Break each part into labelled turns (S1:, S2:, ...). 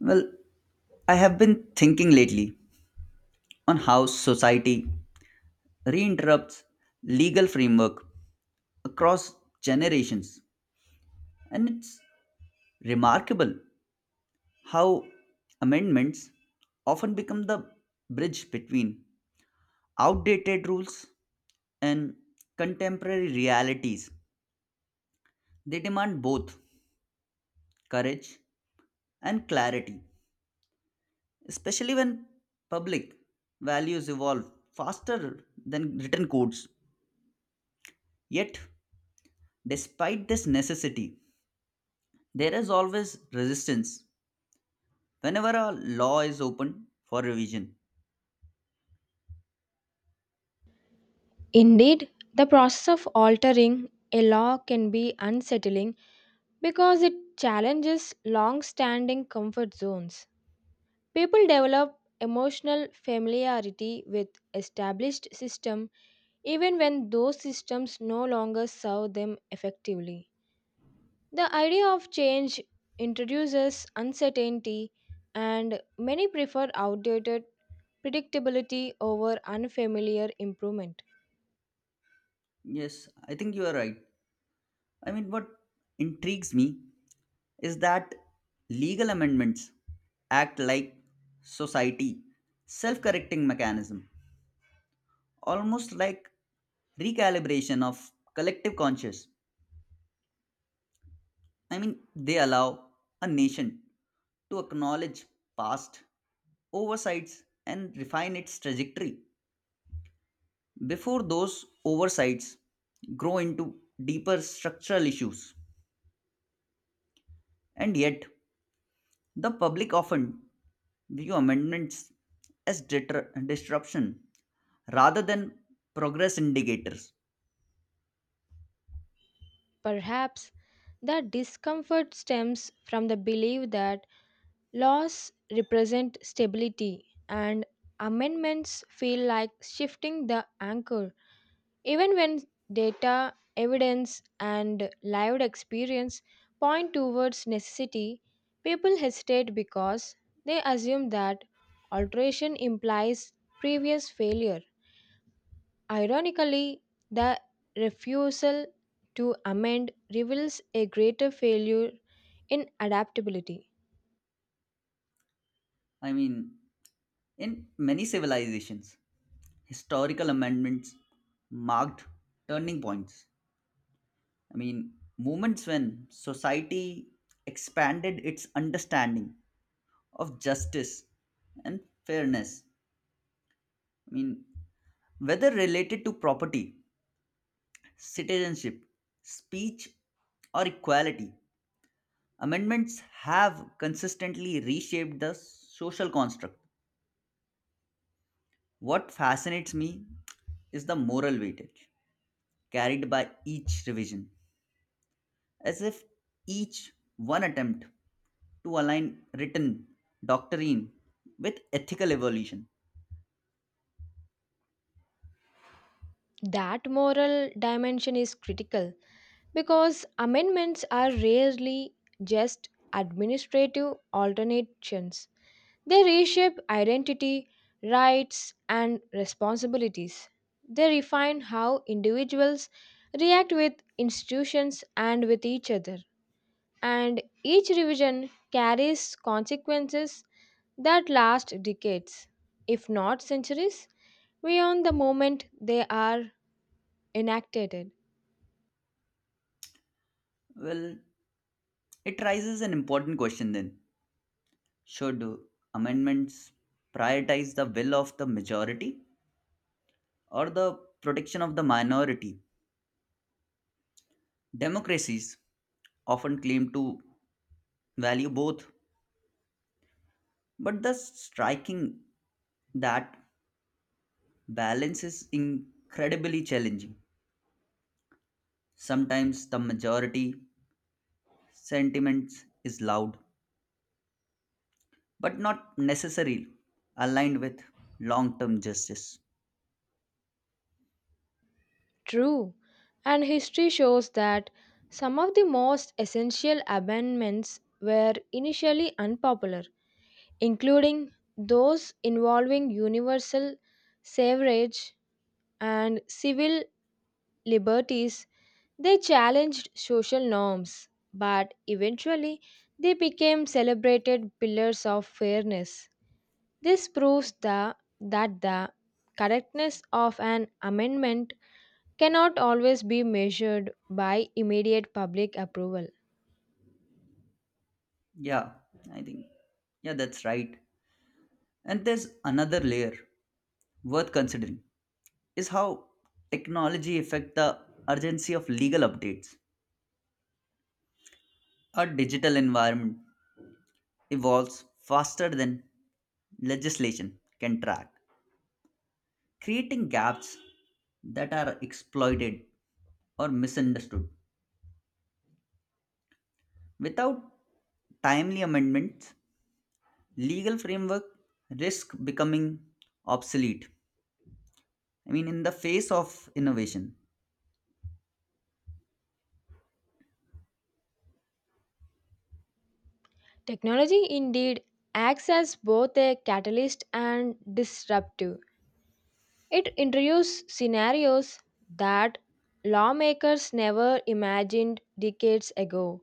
S1: Well, I have been thinking lately on how society reinterrupts legal framework across generations, and it's remarkable how amendments often become the bridge between outdated rules and contemporary realities. They demand both courage and clarity, especially when public values evolve faster than written codes. Yet Despite this necessity, there is always resistance whenever a law is open for revision.
S2: Indeed, the process of altering a law can be unsettling because it challenges long standing comfort zones. People develop emotional familiarity with established systems even when those systems no longer serve them effectively. The idea of change introduces uncertainty, and many prefer outdated predictability over unfamiliar improvement.
S1: Yes, I think you are right. What intrigues me is that legal amendments act like society self-correcting mechanism, almost like recalibration of collective conscious. They allow a nation to acknowledge past oversights and refine its trajectory before those oversights grow into deeper structural issues. And yet, the public often view amendments as disruption rather than progress indicators.
S2: Perhaps that discomfort stems from the belief that laws represent stability and amendments feel like shifting the anchor. Even when data, evidence, and lived experience point towards necessity, people hesitate because they assume that alteration implies previous failure. Ironically, the refusal to amend reveals a greater failure in adaptability.
S1: I mean, in many civilizations, historical amendments marked turning points, moments when society expanded its understanding of justice and fairness. I mean, Whether related to property, citizenship, speech, or equality, amendments have consistently reshaped the social construct. What fascinates me is the moral weightage carried by each revision, as if each one attempt to align written doctrine with ethical evolution.
S2: That moral dimension is critical because amendments are rarely just administrative alterations. They reshape identity, rights, and responsibilities. They refine how individuals react with institutions and with each other, and each revision carries consequences that last decades, if not centuries, beyond the moment they are enacted.
S1: Well, it raises an important question then: should amendments prioritize the will of the majority or the protection of the minority? Democracies often claim to value both, but the striking that balance is incredibly challenging. Sometimes the majority sentiments is loud, but not necessarily aligned with long-term justice.
S2: True, and history shows that some of the most essential amendments were initially unpopular, including those involving universal suffrage and civil liberties. They challenged social norms, but eventually they became celebrated pillars of fairness. This proves the, that the correctness of an amendment cannot always be measured by immediate public approval.
S1: Yeah, I think yeah, that's right. And there's another layer worth considering is how technology affect the urgency of legal updates. Our digital environment evolves faster than legislation can track, creating gaps that are exploited or misunderstood. Without timely amendments, legal framework risk becoming obsolete, in the face of innovation.
S2: Technology indeed acts as both a catalyst and disruptive. It introduces scenarios that lawmakers never imagined decades ago,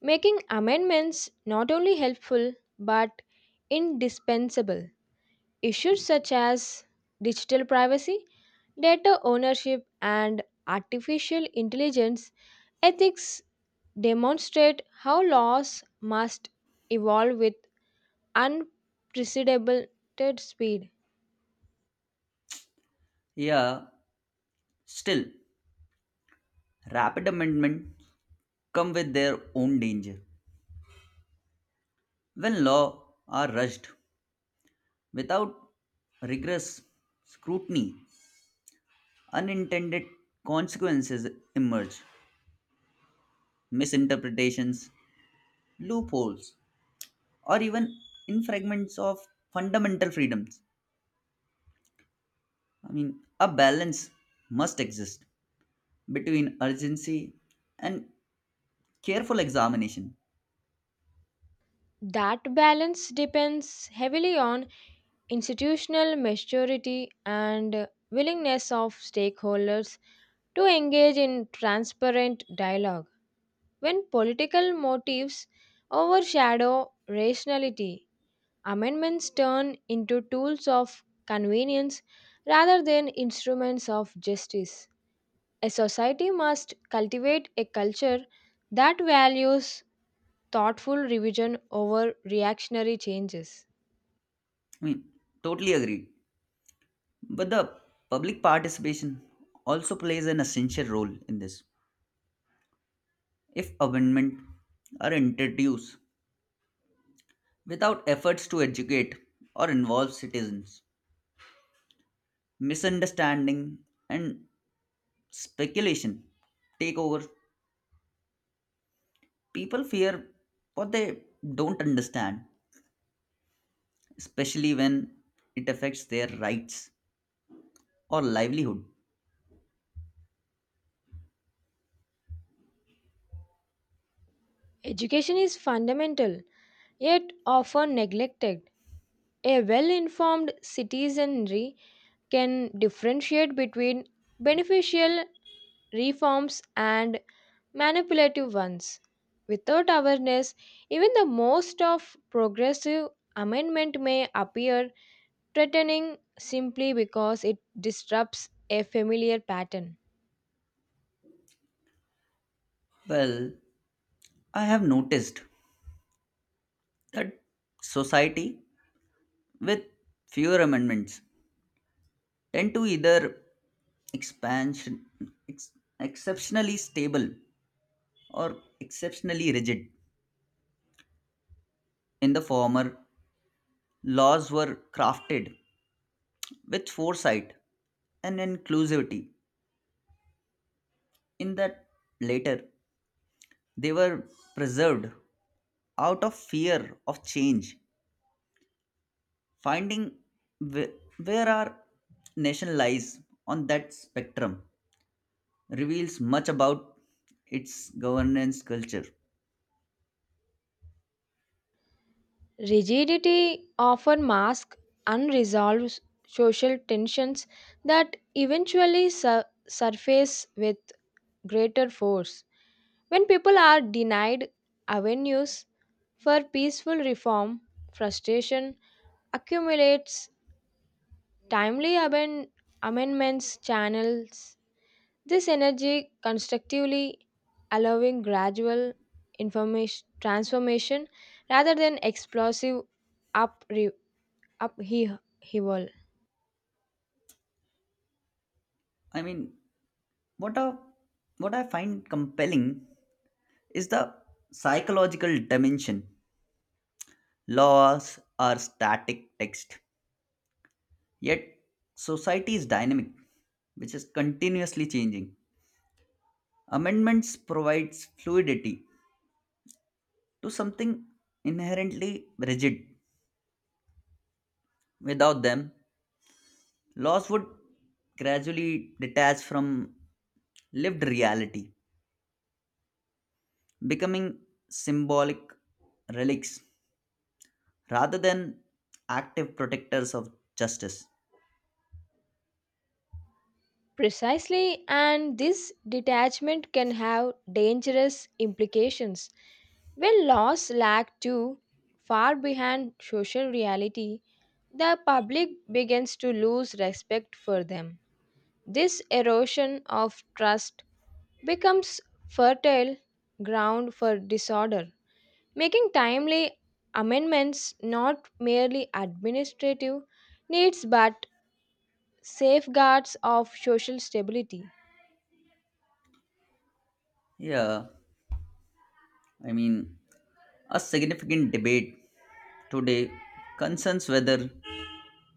S2: making amendments not only helpful but indispensable. Issues such as digital privacy, data ownership, and artificial intelligence ethics demonstrate how laws must evolve with unprecedented speed.
S1: Yeah, still, rapid amendments come with their own danger. When law are rushed without rigorous scrutiny, unintended consequences emerge: misinterpretations, loopholes, or even infringements of fundamental freedoms. A balance must exist between urgency and careful examination.
S2: That balance depends heavily on institutional maturity and willingness of stakeholders to engage in transparent dialogue. When political motives overshadow rationality, amendments turn into tools of convenience rather than instruments of justice. A society must cultivate a culture that values thoughtful revision over reactionary changes.
S1: I mean, totally agree. But the public participation also plays an essential role in this. If amendments are introduced without efforts to educate or involve citizens, misunderstanding and speculation take over. People fear what they don't understand, especially when it affects their rights or livelihood.
S2: Education is fundamental, yet often neglected. A well informed citizenry can differentiate between beneficial reforms and manipulative ones. Without awareness, even the most of progressive amendment may appear threatening simply because it disrupts a familiar pattern.
S1: Well, I have noticed that society with fewer amendments tend to either expansion ex- exceptionally stable or exceptionally rigid. In the former, laws were crafted with foresight and inclusivity; in that later, they were preserved out of fear of change. Finding wh- where our nation lies on that spectrum reveals much about its governance culture.
S2: Rigidity often masks unresolved social tensions that eventually surface with greater force. When people are denied avenues for peaceful reform, frustration accumulates, timely amen- amendments channels this energy constructively, allowing gradual information transformation rather than explosive up upheaval.
S1: I mean, what a what I find compelling is the psychological dimension. Laws are static text, yet society is dynamic, which is continuously changing. Amendments provides fluidity to something inherently rigid. Without them, laws would gradually detach from lived reality, becoming symbolic relics rather than active protectors of justice.
S2: Precisely, and this detachment can have dangerous implications. When laws lag too far behind social reality, the public begins to lose respect for them. This erosion of trust becomes fertile ground for disorder, making timely amendments not merely administrative needs but safeguards of social stability.
S1: Yeah, I mean, a significant debate today concerns whether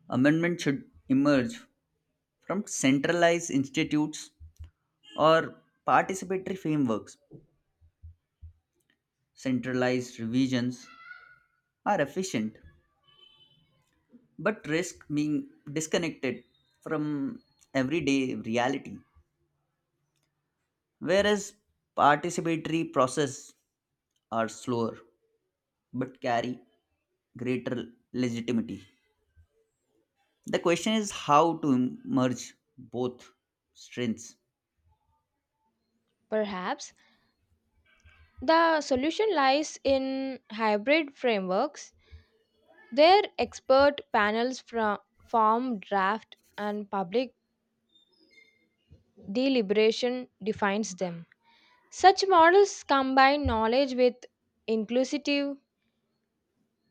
S1: amendment should emerge from centralized institutes or participatory frameworks. Centralized revisions are efficient but risk being disconnected from everyday reality, whereas participatory processes are slower but carry greater legitimacy. The question is how to merge both strengths.
S2: Perhaps the solution lies in hybrid frameworks. Their expert panels from form draft and public deliberation defines them. Such models combine knowledge with inclusive,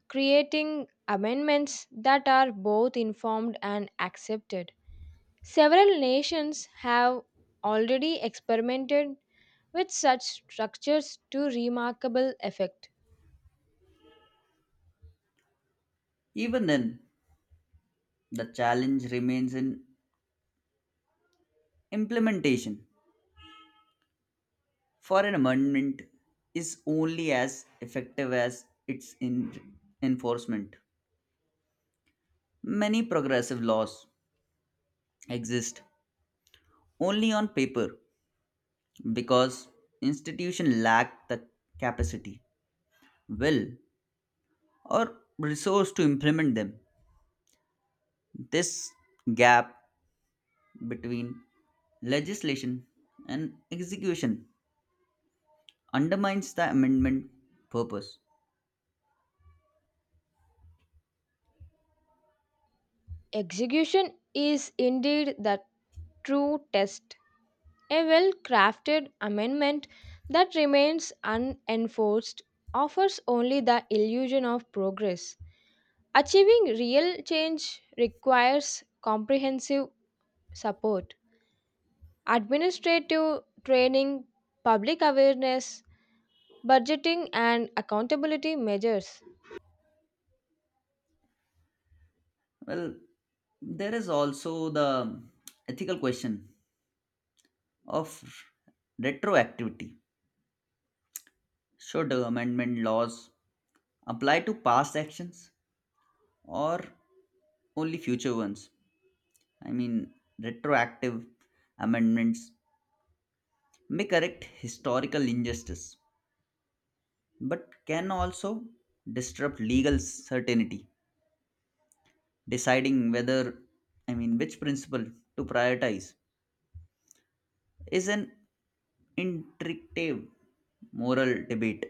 S2: creating amendments that are both informed and accepted. Several nations have already experimented with such structures to remarkable effect.
S1: Even then, the challenge remains in implementation, for an amendment is only as effective as its enforcement. Many progressive laws exist only on paper because institutions lack the capacity, will, or resource to implement them. This gap between legislation and execution undermines the amendment purpose.
S2: Execution is indeed the true test. A well crafted amendment that remains unenforced offers only the illusion of progress. Achieving real change requires comprehensive support. Administrative training, public awareness, budgeting, and accountability measures.
S1: Well, there is also the ethical question of retroactivity. Should amendment laws apply to past actions or only future ones? I mean, retroactive amendments may correct historical injustice but can also disrupt legal certainty. Deciding which principle to prioritize is an intricate moral debate.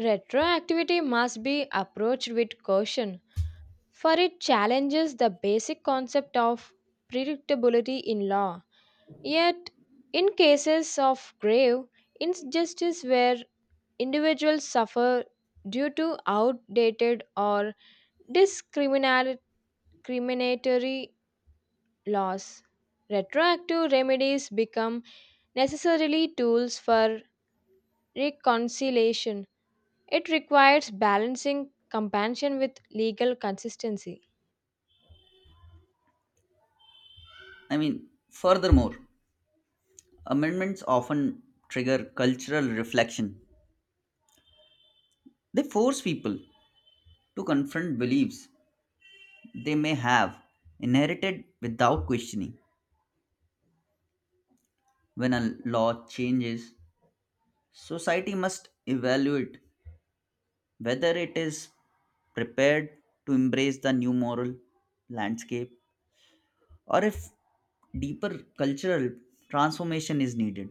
S2: Retroactivity must be approached with caution, for it challenges the basic concept of predictability in law. Yet, in cases of grave injustice where individuals suffer due to outdated or discriminatory laws. Retroactive remedies become necessarily tools for reconciliation. It requires balancing compassion with legal consistency.
S1: Furthermore, amendments often trigger cultural reflection. They force people to confront beliefs they may have inherited without questioning. When a law changes, society must evaluate whether it is prepared to embrace the new moral landscape or if deeper cultural transformation is needed.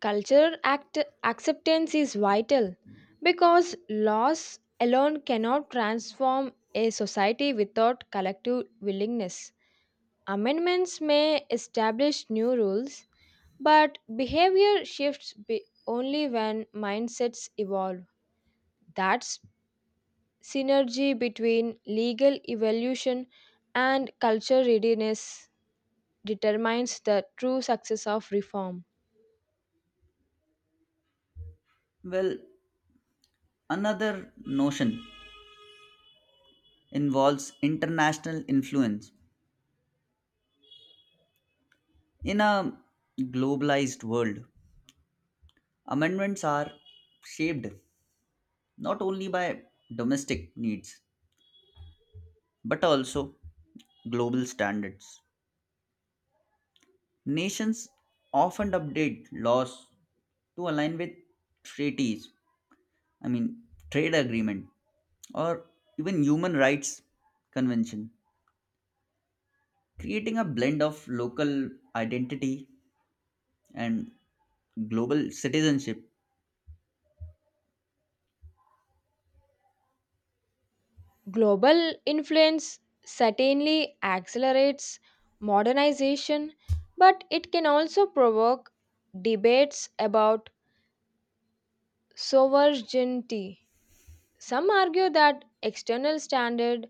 S2: Cultural act- acceptance is vital because laws alone cannot transform a society without collective willingness. Amendments may establish new rules, but only when mindsets evolve. That's synergy between legal evolution and culture readiness determines the true success of reform.
S1: Well, another notion involves international influence. In a globalized world, amendments are shaped not only by domestic needs but also global standards. Nations often update laws to align with treaties, I mean, trade agreement, or even human rights convention, creating a blend of local identity and global citizenship.
S2: Global influence certainly accelerates modernization, but it can also provoke debates about sovereignty. Some argue that external standards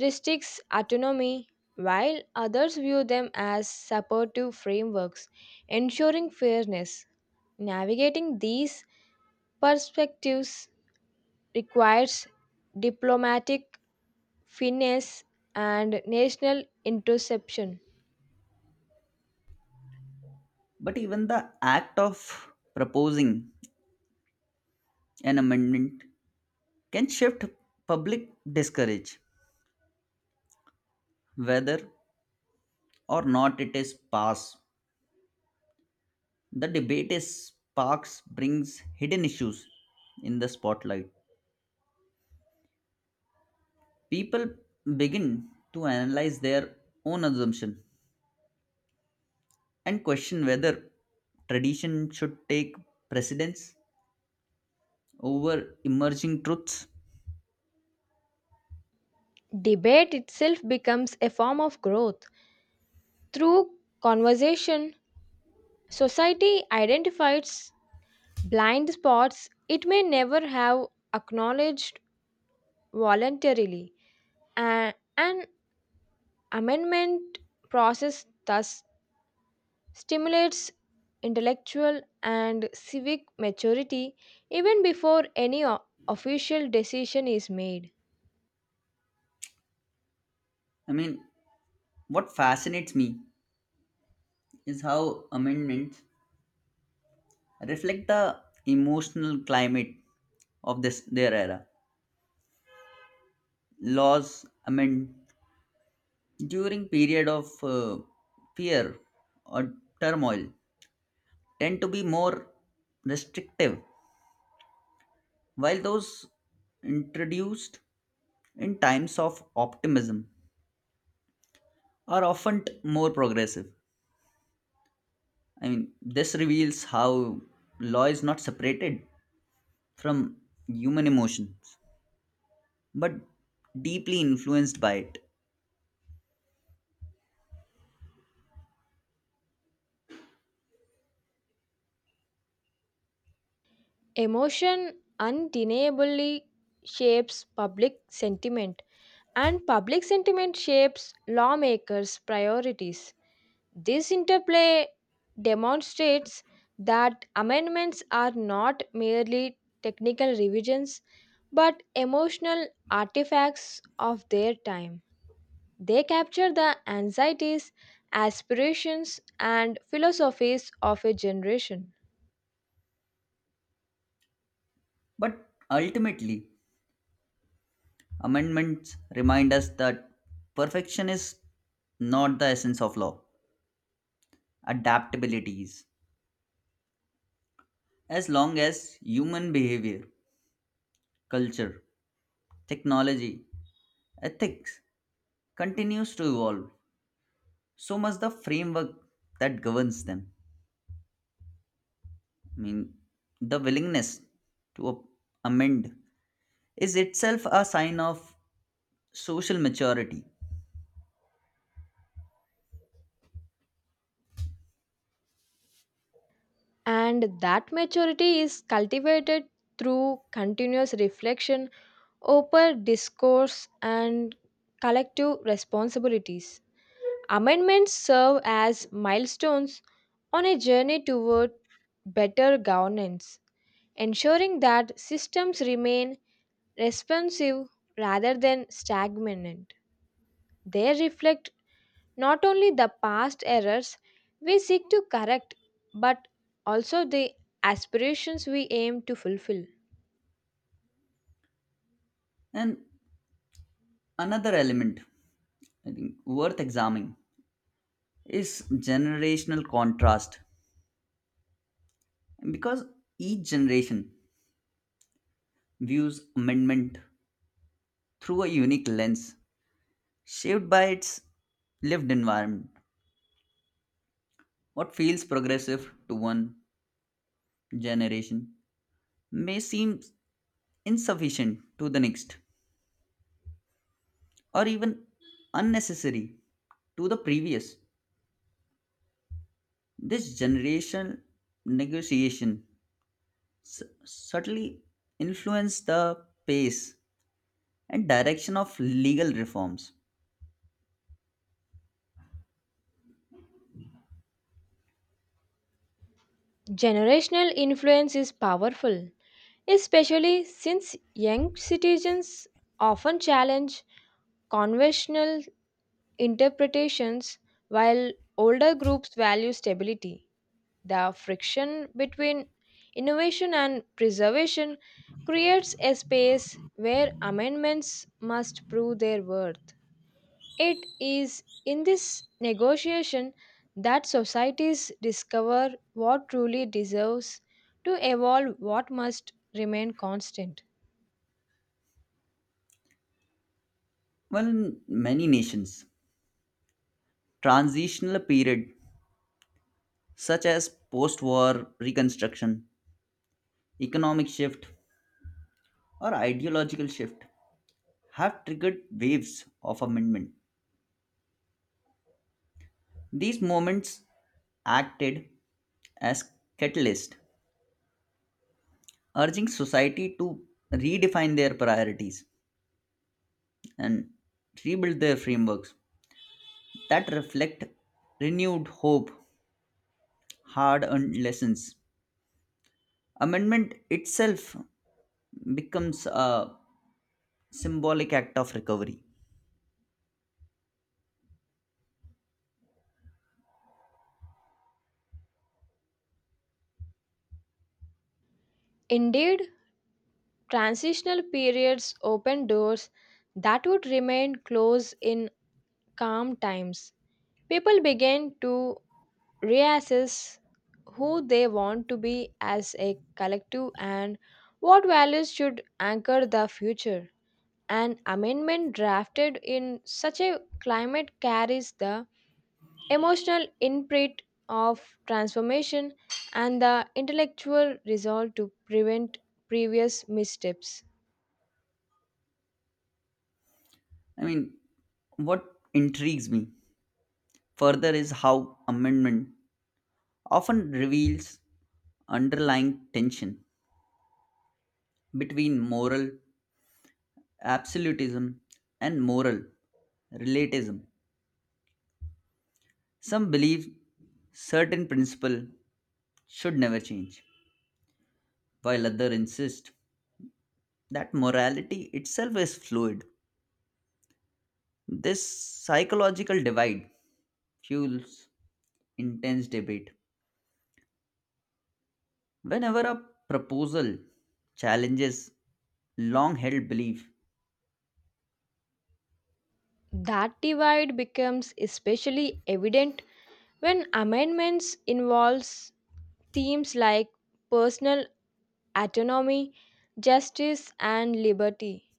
S2: restricts autonomy, while others view them as supportive frameworks, ensuring fairness. Navigating these perspectives requires diplomatic finesse and national interception.
S1: But even the act of proposing an amendment can shift public discourage. Whether or not it is passed, the debate is sparks brings hidden issues in the spotlight. People begin to analyze their own assumption and question whether tradition should take precedence over emerging truths.
S2: Debate itself becomes a form of growth. Through conversation, society identifies blind spots it may never have acknowledged voluntarily, and amendment process thus stimulates intellectual and civic maturity even before any official decision is made.
S1: i mean what fascinates me is how amendments reflect the emotional climate of this their era. Laws, during period of fear or turmoil, tend to be more restrictive, while those introduced in times of optimism are often more progressive. This reveals how law is not separated from human emotions but deeply influenced by it.
S2: Emotion undeniably shapes public sentiment, and public sentiment shapes lawmakers' priorities. This interplay demonstrates that amendments are not merely technical revisions but emotional artifacts of their time. They capture the anxieties, aspirations, and philosophies of a generation.
S1: But ultimately amendments remind us that perfection is not the essence of law, adaptability is. As long as human behavior, culture, technology, ethics continues to evolve, so must the framework that governs them. I mean, the willingness to amend is itself a sign of social maturity.
S2: And that maturity is cultivated through continuous reflection, open discourse, and collective responsibilities. Amendments serve as milestones on a journey toward better governance, ensuring that systems remain responsive rather than stagnant. They reflect not only the past errors we seek to correct, but also the aspirations we aim to fulfill.
S1: And another element I think worth examining is generational contrast. Because each generation views amendment through a unique lens, shaped by its lived environment. What feels progressive to one generation may seem insufficient to the next, or even unnecessary to the previous. This generational negotiation subtly influenced the pace and direction of legal reforms.
S2: Generational influence is powerful, especially since young citizens often challenge conventional interpretations while older groups value stability. The friction between innovation and preservation creates a space where amendments must prove their worth. It is in this negotiation that societies discover what truly deserves to evolve what must remain constant.
S1: Well, in many nations, transitional period such as post war reconstruction, economic shift, or ideological shift have triggered waves of amendment. These moments acted as catalyst, urging society to redefine their priorities and rebuild their frameworks that reflect renewed hope, hard-earned lessons. Amendment itself becomes a symbolic act of recovery.
S2: Indeed, transitional periods open doors that would remain closed in calm times. People began to reassess who they want to be as a collective and what values should anchor the future. An amendment drafted in such a climate carries the emotional imprint of transformation and the intellectual resolve to prevent previous missteps.
S1: I mean, what intrigues me further is how amendment often reveals underlying tension between moral absolutism and moral relativism. Some believe certain principle should never change, while others insist that morality itself is fluid. This psychological divide fuels intense debate whenever a proposal challenges long held belief.
S2: That divide becomes especially evident when amendments involves themes like personal autonomy, justice, and liberty.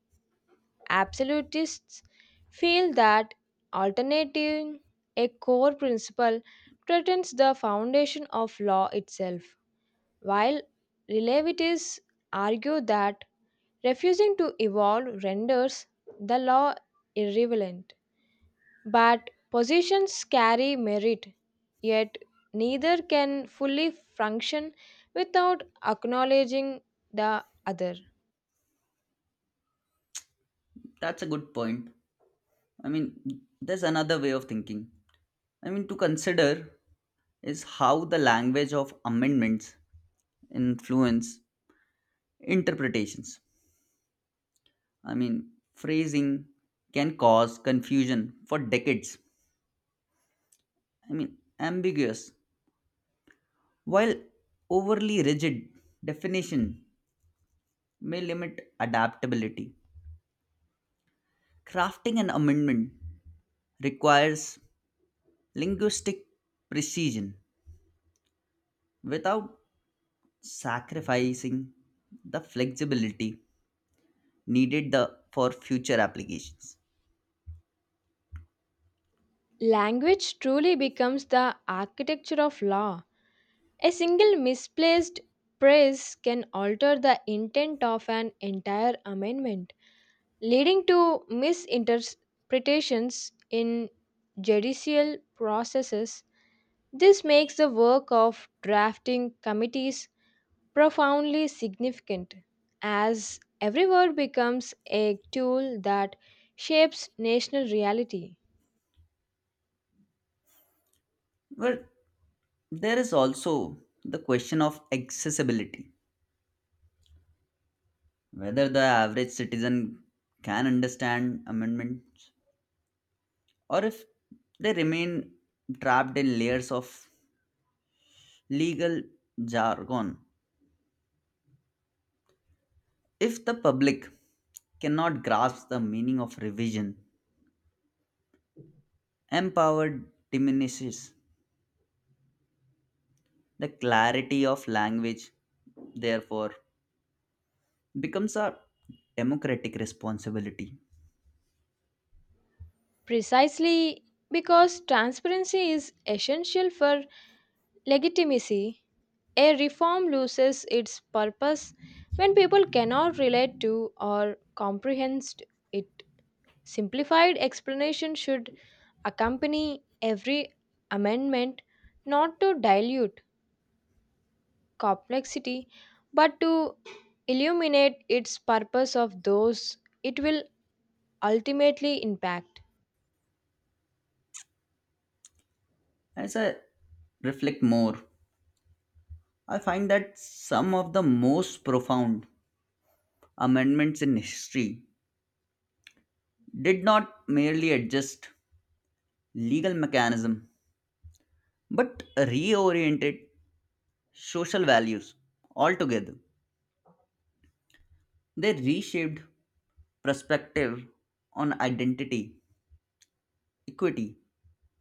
S2: Absolutists feel that alternating a core principle threatens the foundation of law itself, while relativists argue that refusing to evolve renders the law irrelevant. But positions carry merit, yet neither can fully function without acknowledging the other.
S1: That's a good point. I mean, there's another way of thinking to consider is how the language of amendments influence interpretations. Phrasing can cause confusion for decades. Ambiguous, while overly rigid definition may limit adaptability. Crafting an amendment requires linguistic precision without sacrificing the flexibility for future applications.
S2: Language truly becomes the architecture of law. A single misplaced praise can alter the intent of an entire amendment, leading to misinterpretations in judicial processes. This makes the work of drafting committees profoundly significant, as every word becomes a tool that shapes national reality.
S1: But there is also the question of accessibility, whether the average citizen can understand amendments or if they remain trapped in layers of legal jargon. If the public cannot grasp the meaning of revision, empower diminishes. The clarity of language, therefore, becomes a democratic responsibility.
S2: Precisely because transparency is essential for legitimacy, a reform loses its purpose when people cannot relate to or comprehend it. Simplified explanation should accompany every amendment, not to dilute complexity, but to illuminate its purpose of those it will ultimately impact.
S1: As I reflect more, I find that some of the most profound amendments in history did not merely adjust legal mechanism but reoriented social values altogether. They reshaped perspective on identity, equity,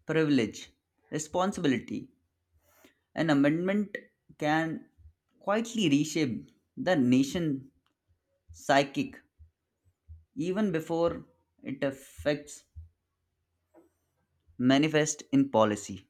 S1: privilege, responsibility. An amendment can quietly reshape the nation's psychic even before it affects manifest in policy.